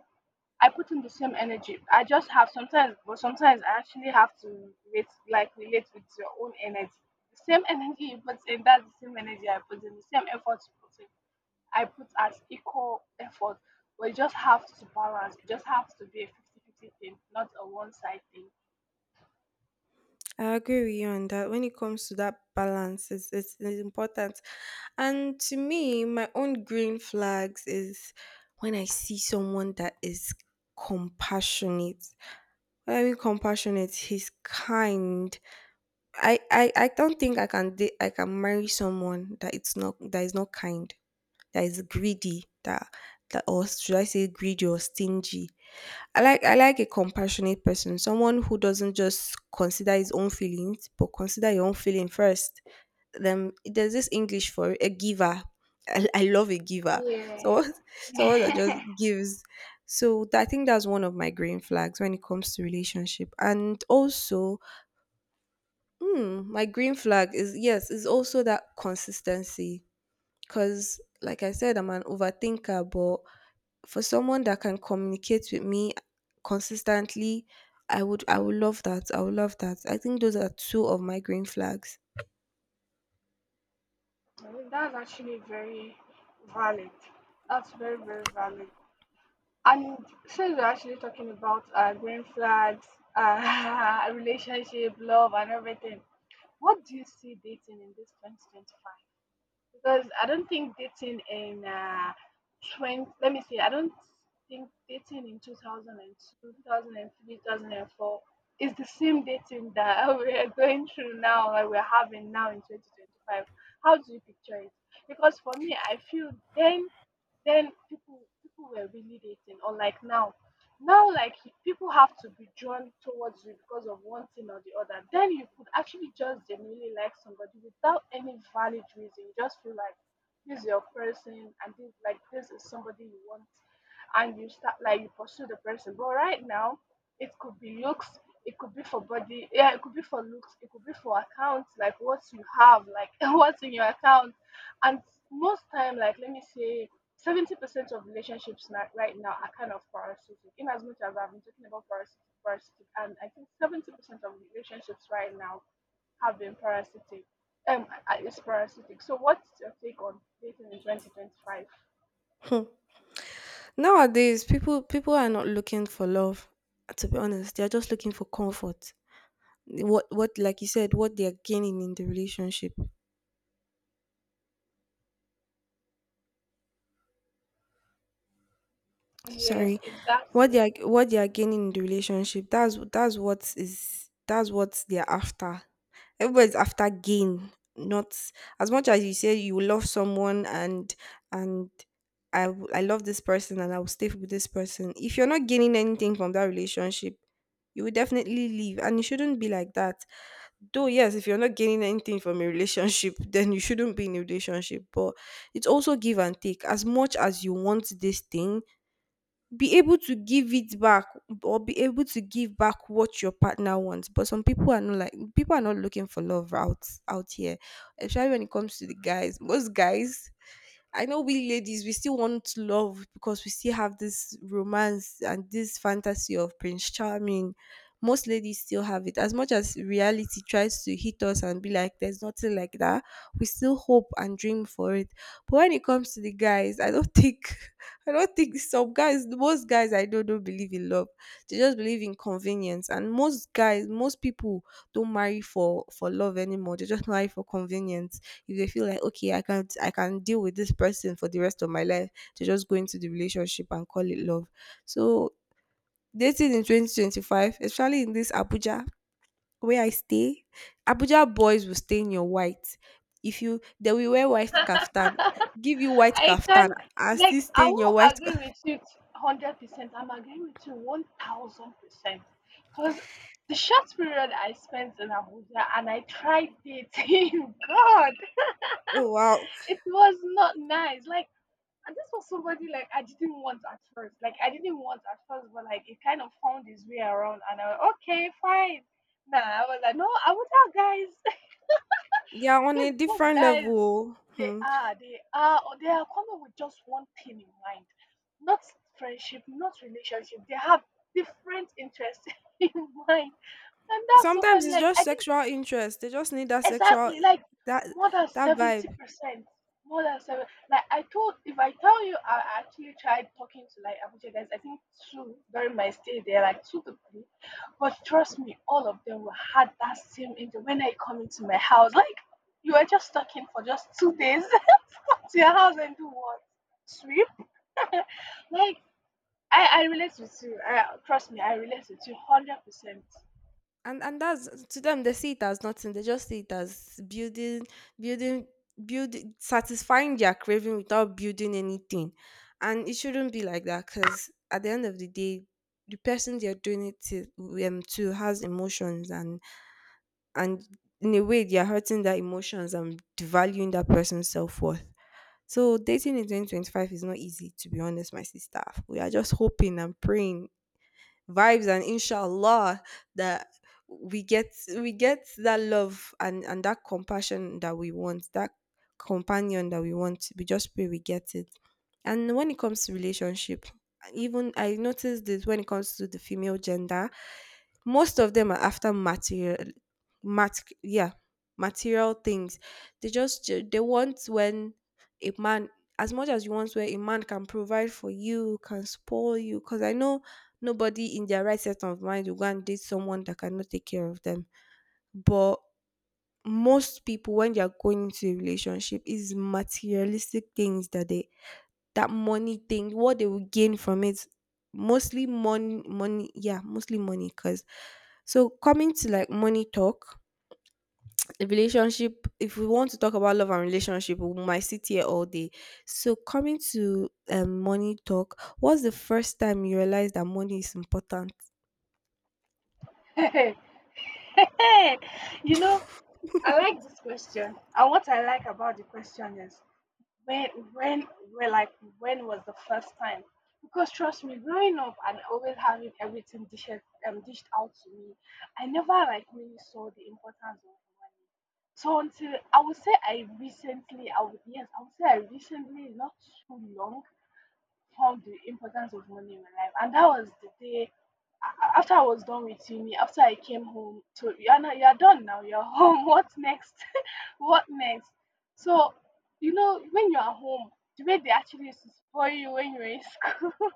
Speaker 1: I put in the same energy. I just have sometimes, but sometimes I actually have to relate, like relate with your own energy. The same energy you put in, that's the same energy I put in. The same effort you put in, I put as equal effort. But you just have to balance. It just has to be a 50-50 thing, not a one-side thing.
Speaker 2: I agree with you on that. When it comes to that balance, it's important. And to me, my own green flags is when I see someone that is compassionate. When I mean compassionate, he's kind. I don't think I can date, I can marry someone that it's not that is not kind, that is greedy, that that or should I say greedy or stingy. I like a compassionate person, someone who doesn't just consider his own feelings, but consider your own feeling first. Then there's this English for it, a giver. I love a giver.
Speaker 1: Yeah.
Speaker 2: So someone that just gives. So that, I think that's one of my green flags when it comes to relationship. And also, hmm, my green flag is, yes, is also that consistency, because, like I said, I'm an overthinker. But for someone that can communicate with me consistently, I would love that. I would love that. I think those are two of my green flags.
Speaker 1: I mean, that's actually very valid. That's very, very valid. And since we're actually talking about green flags, relationship, love, and everything, what do you see dating in this 2025? Because I don't think dating in uh, 20, let me see, I don't think dating in 2002, 2003, 2004 is the same dating that we are going through now, like we're having now in 2025. How do you picture it? Because for me, I feel then people were really dating, or like now, now like people have to be drawn towards you because of one thing or the other. Then you could actually just genuinely like somebody without any valid reason. You just feel like this is your person, and this, like this is somebody you want, and you start like you pursue the person. But right now, it could be looks, it could be for body, yeah, it could be for looks, it could be for accounts, like what you have, like what's in your account. And most time, like let me say, 70% of relationships right now are kind of parasitic. In as much as I've been talking about parasitic, and I think 70% of relationships right now have been parasitic. It's parasitic. So, what's your take on dating in 2025?
Speaker 2: Hmm. Nowadays, people are not looking for love. To be honest, they are just looking for comfort. What like you said, what they are gaining in the relationship.
Speaker 1: Yes,
Speaker 2: Sorry, what
Speaker 1: exactly.
Speaker 2: they are, what they are gaining in the relationship, that's what they're after. Everybody's after gain. Not, as much as you say you love someone, and I love this person and I will stay with this person. If you're not gaining anything from that relationship, you will definitely leave. And it shouldn't be like that. Though, yes, if you're not gaining anything from a relationship, then you shouldn't be in a relationship. But it's also give and take. As much as you want this thing, be able to give it back or be able to give back what your partner wants. But some people are not like people are not looking for love out here, especially when it comes to the guys. Most guys I know, we ladies, we still want love because we still have this romance and this fantasy of Prince Charming. Most ladies still have it. As much as reality tries to hit us and be like, there's nothing like that, we still hope and dream for it. But when it comes to the guys, I don't think, I don't think some guys, most guys I know don't believe in love. They just believe in convenience. And most guys, most people don't marry for love anymore. They just marry for convenience if they feel like, okay, I can't I can deal with this person for the rest of my life, to just go into the relationship and call it love. So dating in 2025, especially in this Abuja where I stay. Abuja boys will stay in your white, if you, they will wear white kaftan, give you white
Speaker 1: I
Speaker 2: kaftan,
Speaker 1: can
Speaker 2: and still
Speaker 1: like I
Speaker 2: stay in your
Speaker 1: won't
Speaker 2: white ka-
Speaker 1: agree with you 100%. I'm agreeing with you 1000%. Cause the short period I spent in Abuja and I tried dating, God,
Speaker 2: oh, wow.
Speaker 1: it was not nice. Like, and this was somebody like I didn't want at first. But like it kind of found its way around, and I was okay, fine. Nah, I was like, no, I will tell guys.
Speaker 2: They are on
Speaker 1: Dude,
Speaker 2: a
Speaker 1: those
Speaker 2: different
Speaker 1: guys,
Speaker 2: level. Hmm.
Speaker 1: they are coming with just one thing in mind, not friendship, not relationship. They have different interests in mind, and that's so
Speaker 2: Sometimes
Speaker 1: funny.
Speaker 2: it's
Speaker 1: Like
Speaker 2: just
Speaker 1: I think
Speaker 2: sexual interest, they just need that sexual,
Speaker 1: exactly, like
Speaker 2: that
Speaker 1: more than
Speaker 2: that
Speaker 1: seventy
Speaker 2: vibe.
Speaker 1: percent, more than seven. Like I told, if I tell you, I actually tried talking to like Abuja guys. I think two during my stay there, like two to three. But trust me, all of them were had that same angel when I come into my house. Like you were just talking for just 2 days to your house and do what? Sweep. Like I relate with you. I, trust me, I relate with you hundred percent.
Speaker 2: And that's to them, they see it as nothing, they just see it as building, building, building, satisfying their craving without building anything. And it shouldn't be like that, because at the end of the day, the person they're doing it to, to, has emotions, and in a way they're hurting their emotions and devaluing that person's self-worth. So dating in 2025 is not easy, to be honest, my sister. We are just hoping and praying, vibes and inshallah, that we get we get that love, and that compassion that we want, that companion that we want, we just pray we get it. And when it comes to relationship, even I noticed this, when it comes to the female gender, most of them are after material, mat, yeah, material things. They just, they want when a man, as much as you want where a man can provide for you, can spoil you, because I know nobody in their right set of mind will go and date someone that cannot take care of them. But most people, when they are going into a relationship, is materialistic things that they, that money thing, what they will gain from it, mostly money, money, yeah, mostly money. Cause so coming to like money talk, the relationship. If we want to talk about love and relationship, we might sit here all day. So coming to money talk, what's the first time you realize that money is important?
Speaker 1: You know, I like this question. And what I like about the question is when when we like when was the first time? Because trust me, growing up and always having everything dished out to me, I never like really saw the importance of money. So until I would say I recently, I would say I recently, not too long, found the importance of money in my life, and that was the day after I was done with uni, after I came home, so you're not, you're done now, you're home. What's next? What next? So, you know, when you are home, the way they actually used to spoil you when you were in school,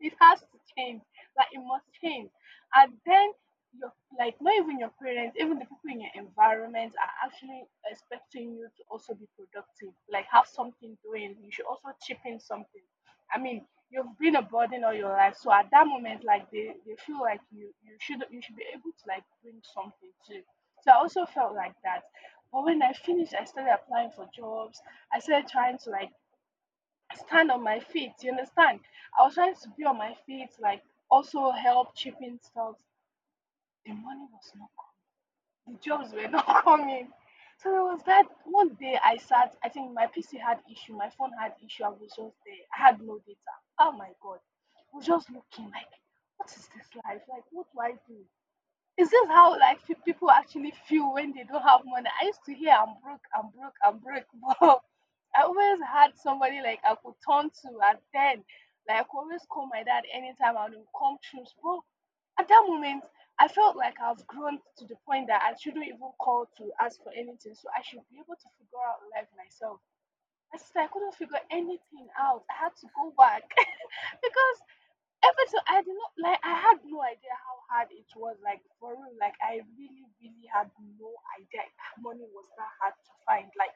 Speaker 1: it has to change. Like it must change. And then your, like not even your parents, even the people in your environment are actually expecting you to also be productive. Like have something doing. You should also chip in something. I mean, you've been a burden all your life. So at that moment, like they feel like you should be able to like bring something too. So I also felt like that. But when I finished, I started applying for jobs. I started trying to like stand on my feet. You understand? I was trying to be on my feet, like also help chipping stuff. The money was not coming. The jobs were not coming. So it was that one day I sat. I think my PC had issue. My phone had issue. I was just there. I had no data. Oh my god! I was just looking like, what is this life? Like, what do I do? Is this how like people actually feel when they don't have money? I used to hear I'm broke, but I always had somebody like I could turn to, and then like I could always call my dad anytime and he would come through. But at that moment, I felt like I've grown to the point that I shouldn't even call to ask for anything. So I should be able to figure out life myself. My sister, I couldn't figure anything out. I had to go back because everything I did not like I had no idea how hard it was like for real. Like I really, really had no idea that money was that hard to find. Like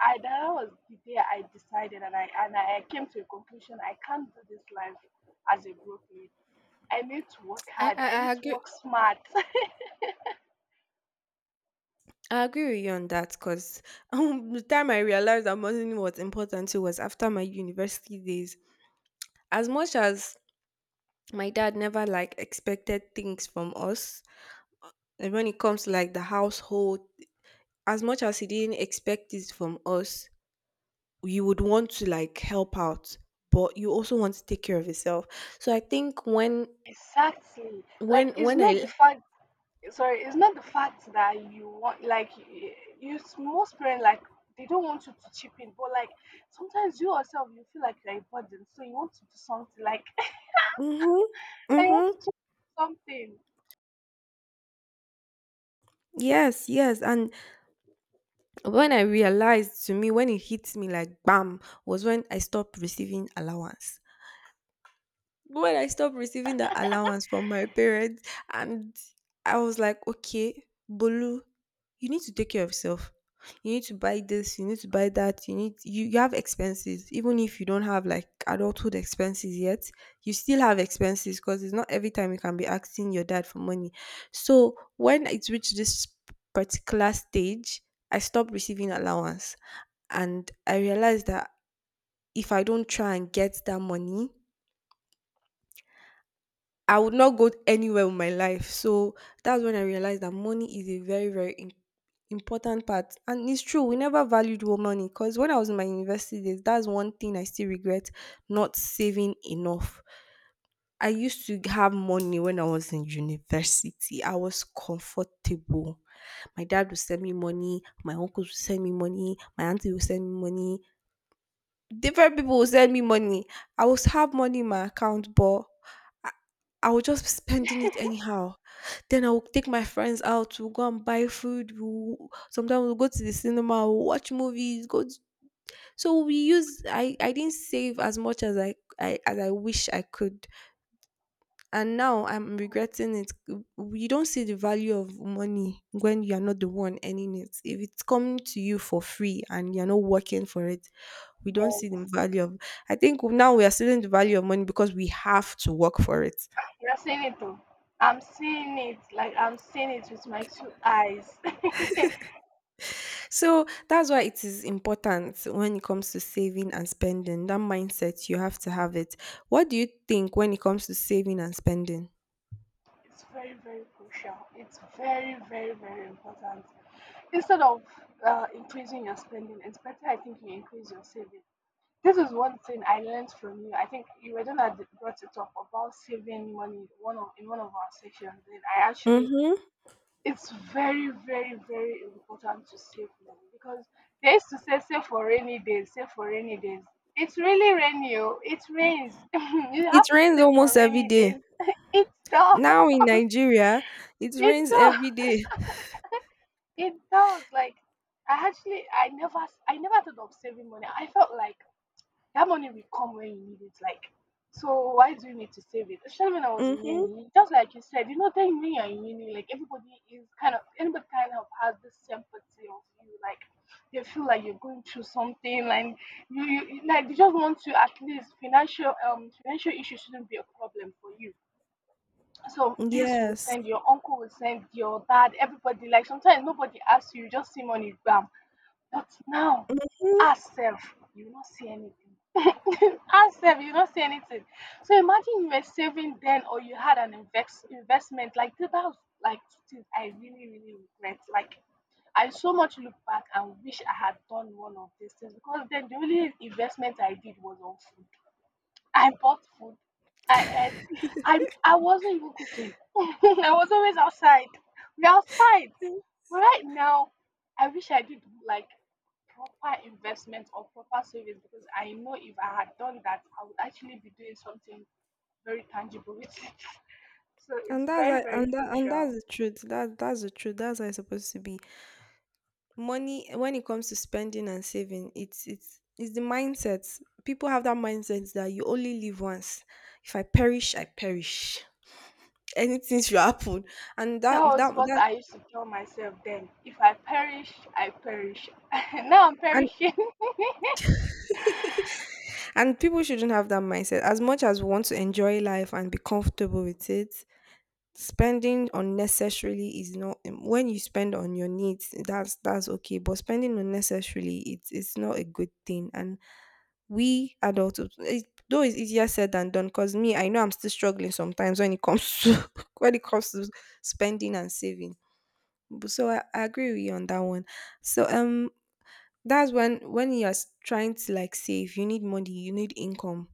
Speaker 1: I that was the day I decided and I came to a conclusion, I can't do this life as a broke lady. I need to work
Speaker 2: I,
Speaker 1: hard.
Speaker 2: I,
Speaker 1: I need
Speaker 2: I
Speaker 1: to
Speaker 2: agree.
Speaker 1: work smart.
Speaker 2: I agree with you on that because the time I realized that money was important too was after my university days. As much as my dad never like expected things from us, and when it comes to like the household, as much as he didn't expect this from us, you would want to like help out, but you also want to take care of yourself. So I think when
Speaker 1: Exactly. Like
Speaker 2: when
Speaker 1: it's
Speaker 2: when
Speaker 1: not
Speaker 2: I.
Speaker 1: the fact, sorry, it's not the fact that you want, like you, most parents like, they don't want you to chip in, but like sometimes you yourself, you feel like you're a burden, so you want to do something like
Speaker 2: Mhm.
Speaker 1: I want
Speaker 2: Mhm.
Speaker 1: to chip in something.
Speaker 2: Yes, yes. And when I realized, to me, when it hit me like bam, was when I stopped receiving allowance, when I stopped receiving that allowance from my parents, and I was like, okay, Bolu, you need to take care of yourself. You need to buy this, you need to buy that, you need, you have expenses. Even if you don't have like adulthood expenses yet, you still have expenses because it's not every time you can be asking your dad for money. So when it reached this particular stage, I stopped receiving allowance and I realized that if I don't try and get that money, I would not go anywhere with my life. So that's when I realized that money is a very im- important part. And it's true, we never valued wo- money, because when I was in my university days, that's one thing I still regret, not saving enough. I used to have money when I was in university. I was comfortable. My dad would send me money, my uncles would send me money, my auntie would send me money, different people will send me money. I will have money in my account, but I, I will just be spending it anyhow. Then I will take my friends out. We'll go and buy food. We'll, sometimes we'll go to the cinema. We'll watch movies. Go. To, so we use. I didn't save as much as I as I wish I could. And now I'm regretting it. W- You don't see the value of money when you're not the one earning it. If it's coming to you for free and you're not working for it, we don't see
Speaker 1: Yes,
Speaker 2: the value of. I think now we are seeing the value of money because we have to work for it.
Speaker 1: you're seeing it though. I'm seeing it, like I'm seeing it with my two eyes.
Speaker 2: So that's why it is important when it comes to saving and spending. That mindset, you have to have it. What do you think when it comes to saving and spending?
Speaker 1: It's very, very crucial. It's very, very, very important. Instead of increasing your spending, it's better, I think, you increase your savings. This is one thing I learned from you. I think you were the one that brought it up about saving money one of in one of our sessions. And I actually,
Speaker 2: Mm-hmm.
Speaker 1: it's very, very, very important to save money because they used to say save for rainy days, save for rainy days. It's really rainy, oh, it rains. You
Speaker 2: It
Speaker 1: have to
Speaker 2: rains
Speaker 1: save for
Speaker 2: almost every
Speaker 1: rainy
Speaker 2: day.
Speaker 1: days. It does,
Speaker 2: Now in Nigeria, it
Speaker 1: it
Speaker 2: rains
Speaker 1: does,
Speaker 2: every day.
Speaker 1: it does. Like I actually, I never thought of saving money. I felt like that money will come when you need it. Like, so why do you need to save it? Especially when I was in
Speaker 2: Mm-hmm.
Speaker 1: uni, just like you said, you know, then when you're in uni, like everybody is kind of, anybody kind of has this sympathy of you, like they feel like you're going through something, like you like they just want to, at least financial financial issues shouldn't be a problem for you. So this will
Speaker 2: Yes.
Speaker 1: send, your uncle will send, your dad, everybody. Like sometimes nobody asks you, you just see money, bam. But now,
Speaker 2: Mhm.
Speaker 1: ourself, you will not see anything. Ourself, you will not see anything. So imagine you were saving then, or you had an investment. Like that was like two things I really, really regret. Like I so much look back and wish I had done one of these things, because then the only investment I did was on food. I bought food. I ate. I wasn't even cooking. I was always outside. We're outside. But right now, I wish I did like proper investment or proper savings, because I know if I had done that, I would actually be doing something very tangible with it. So it's
Speaker 2: And that's
Speaker 1: very,
Speaker 2: I
Speaker 1: very
Speaker 2: and that and that's
Speaker 1: crucial.
Speaker 2: the truth. That's the truth. That's how it's supposed to be. Money when it comes to spending and saving, it's the mindset people have, that mindset that you only live once, if I perish, I perish, anything should happen. And that
Speaker 1: That
Speaker 2: that
Speaker 1: was what
Speaker 2: that
Speaker 1: I used to tell myself then. If I perish, I perish. Now I'm
Speaker 2: and
Speaker 1: perishing.
Speaker 2: and people shouldn't have that mindset. As much as we want to enjoy life and be comfortable with it. Spending unnecessarily is not when you spend on your needs, that's okay. But spending unnecessarily, it's not a good thing. And we adults, it, though it's easier said than done. Cause me, I know I'm still struggling sometimes when it comes to when it comes to spending and saving. B- So I agree with you on that one. So that's when you're s- trying to like save, you need money, you need income.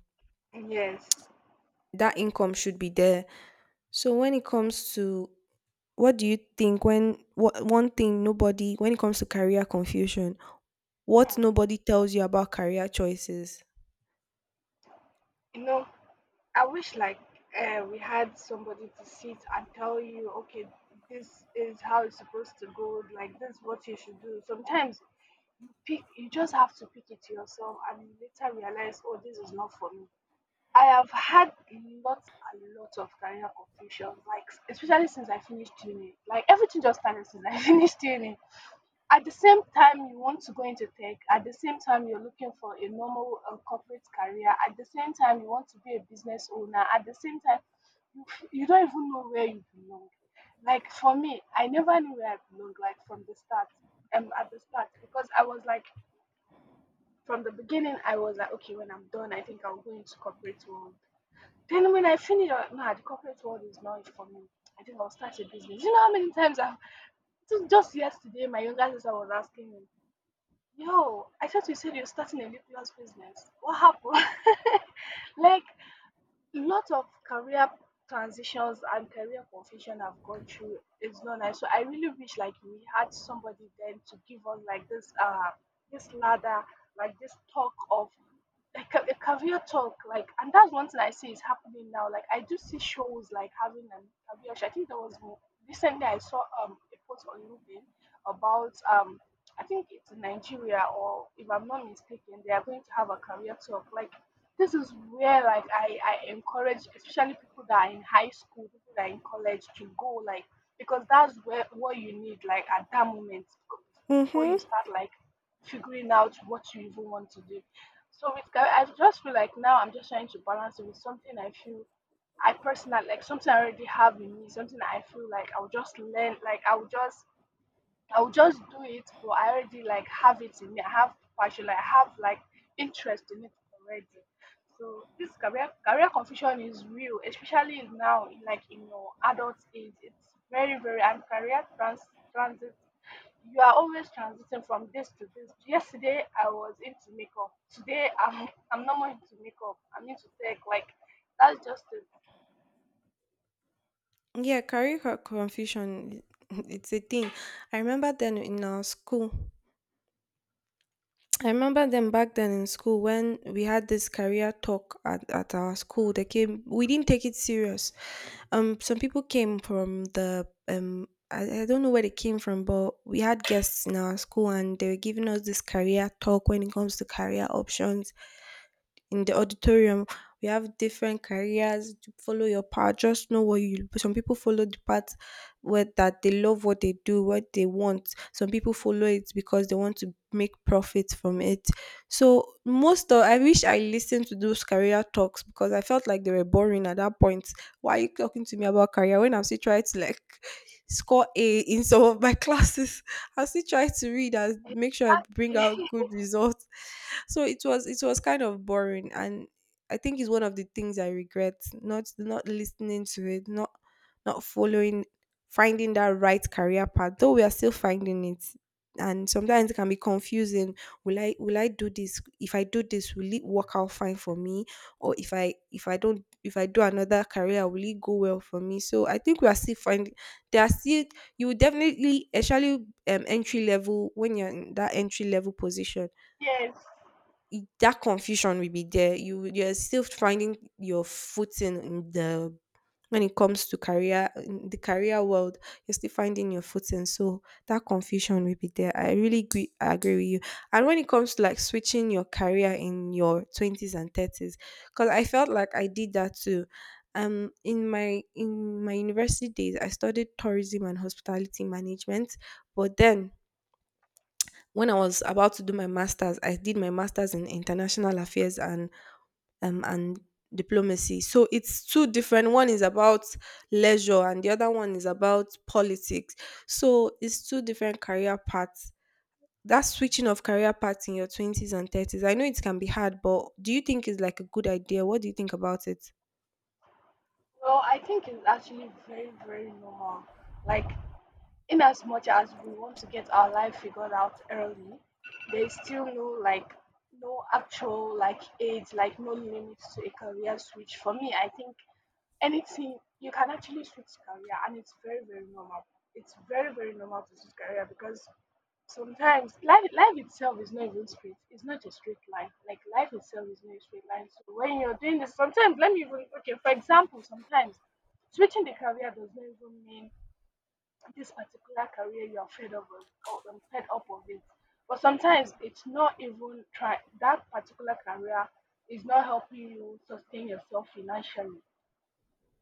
Speaker 1: Yes.
Speaker 2: That income should be there. So when it comes to. What do you think when what one thing nobody, when it comes to career confusion, what
Speaker 1: Hmm.
Speaker 2: nobody tells you about career choices?
Speaker 1: You know, I wish like we had somebody to sit and tell you, okay, this is how it's supposed to go, like this is what you should do. Sometimes you just have to pick it yourself, and you later realize, oh, this is not for me. I have had lots and lots of career confusions. Like, especially since I finished uni, like everything just started since I finished uni. At the same time you want to go into tech, at the same time you're looking for a normal corporate career, at the same time you want to be a business owner, at the same time you don't even know where you belong. Like for me, I never knew where I belong, like from the start. At the start, because I was like, from the beginning, I was like, okay, when I'm done, I think I'll go into corporate world. Then when I finished, I- nah, the corporate world is not for me. I think I'll start a business. You know how many times I've, just yesterday, my younger sister was asking me, "Yo, I thought you said you're starting a lip business. What happened?" Like, lot of career transitions and career confusion I've gone through is not nice. So I really wish like we had somebody then to give us like this this ladder, like this talk of like a career talk. Like, and that's one thing I see is happening now, like I do see shows like having an career show. I think there was recently I saw a post on LinkedIn about I think it's Nigeria, or if I'm not mistaken, they are going to have a career talk. Like this is where, like, I encourage especially people that are in high school, people that are in college to go, like because that's where what you need, like at that moment, before you
Speaker 2: Mm-hmm.
Speaker 1: start like figuring out what you even want to do. So with career, I just feel like now I'm just trying to balance it with something I feel I personally like, something I already have in me, something that I feel like I'll just learn, like I'll just, I'll just do it, but I already like have it in me. I have passion, like I have like interest in it already. So this career confusion is real, especially now, like in your adult age. It's very, very, and career transit, you are always transiting from this to this. Yesterday I was into makeup. Today I'm I'm not more into makeup. I'm into tech. Like that's just it.
Speaker 2: Yeah, career co- confusion, it's a thing. I remember then in our school, I remember them back then in school when we had this career talk at our school. They came, we didn't take it serious. Some people came from the um, I don't know where they came from, but we had guests in our school and they were giving us this career talk when it comes to career options in the auditorium. We have different careers, to follow your path, just know what you, some people follow the path where that they love what they do, what they want, some people follow it because they want to make profit from it. So most of, I wish I listened to those career talks because I felt like they were boring at that point. Why are you talking to me about career when I'm still trying to like score A in some of my classes I still try to read and make sure I bring out
Speaker 1: Exactly.
Speaker 2: good results. So it was, it was kind of boring. And I think it's one of the things I regret, not listening to it, not following, finding that right career path, though we are still finding it. And sometimes it can be confusing. Will I do this, if I do this will it work out fine for me, or if I don't, if I do another career, will it go well for me. So I think we are still finding. There are still, you will definitely, especially entry level, when you're in that entry level position,
Speaker 1: Yes.
Speaker 2: I- that confusion will be there. You will- you're still finding your footing in the, when it comes to career in the career world. You're still finding your footing, so that confusion will be there. I really agree, I agree with you. And when it comes to like switching your career in your twenties and thirties, because I felt like I did that too. In my university days, I studied tourism and hospitality management, but then when I was about to do my master's, I did my master's in international affairs and diplomacy. So it's two different. One is about leisure, and the other one is about politics. So it's two different career paths. That switching of career paths in your twenties and thirties, I know it can be hard, but do you think it's like a good idea? What do you think about it?
Speaker 1: Well, I think it's actually very, very normal. Like, in as much as we want to get our life figured out early, there's still no like no actual like age, like no limits to a career switch. For me, I think anything, you can actually switch career, and it's very, very normal. It's very, very normal to switch career because sometimes life itself is not even straight, it's not a straight line. Like life itself is not a straight line. So when you're doing this sometimes, let me even, okay, for example, sometimes switching the career does not even mean this particular career you're fed up of, or fed up of it, but sometimes it's not even, try that particular career is not helping you sustain yourself financially.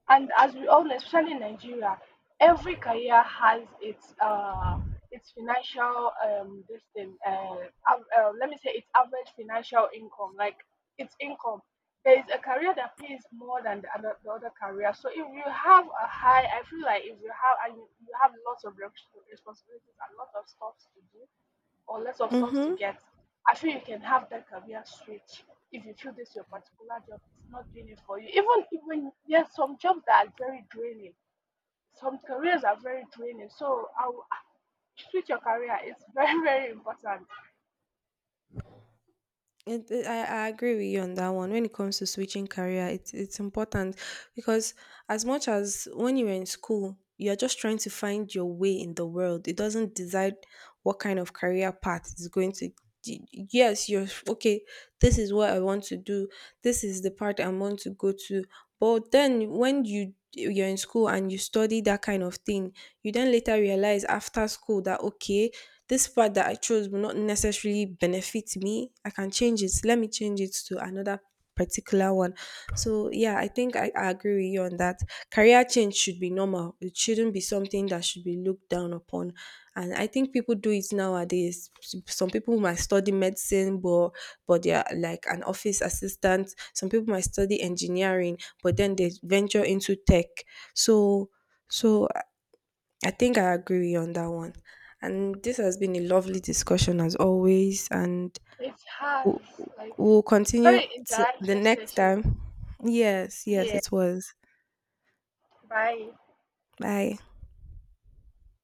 Speaker 1: And as we all know, especially in Nigeria, every career has its financial this thing, let me say its average financial income, like its income. There is a career that pays more than the other career. So if you have a high, I feel like if you have, and you have lots of responsibilities and lots of stuff to do, or less of sums to
Speaker 2: Mm-hmm.
Speaker 1: get, I feel you can have that career switch if you feel this your particular job is not doing it for you. Even even, yes, some jobs that are very draining, some careers are very draining. So I will switch your career. It's very very important.
Speaker 2: I agree with you on that one. When it comes to switching career, it's important, because as much as when you're in school, you're just trying to find your way in the world. It doesn't decide what kind of career path is going to. Y- Yes, you're okay. This is what I want to do. This is the part I want to go to. But then when you you're in school and you study that kind of thing, you then later realize after school that okay, this part that I chose will not necessarily benefit me. I can change it. Let me change it to another particular one. So yeah, I think I agree with you on that. Career change should be normal. It shouldn't be something that should be looked down upon. And I think people do it nowadays. S- Some people might study medicine, but they are like an office assistant. Some people might study engineering, but then they venture into tech. So so I think I agree with you on that one. And this has been a lovely discussion as always. And
Speaker 1: It
Speaker 2: we'll,
Speaker 1: has, like,
Speaker 2: we'll continue
Speaker 1: very
Speaker 2: to the
Speaker 1: interactive
Speaker 2: next
Speaker 1: session.
Speaker 2: time. Yes, yes,
Speaker 1: Yeah.
Speaker 2: it was.
Speaker 1: Bye.
Speaker 2: Bye.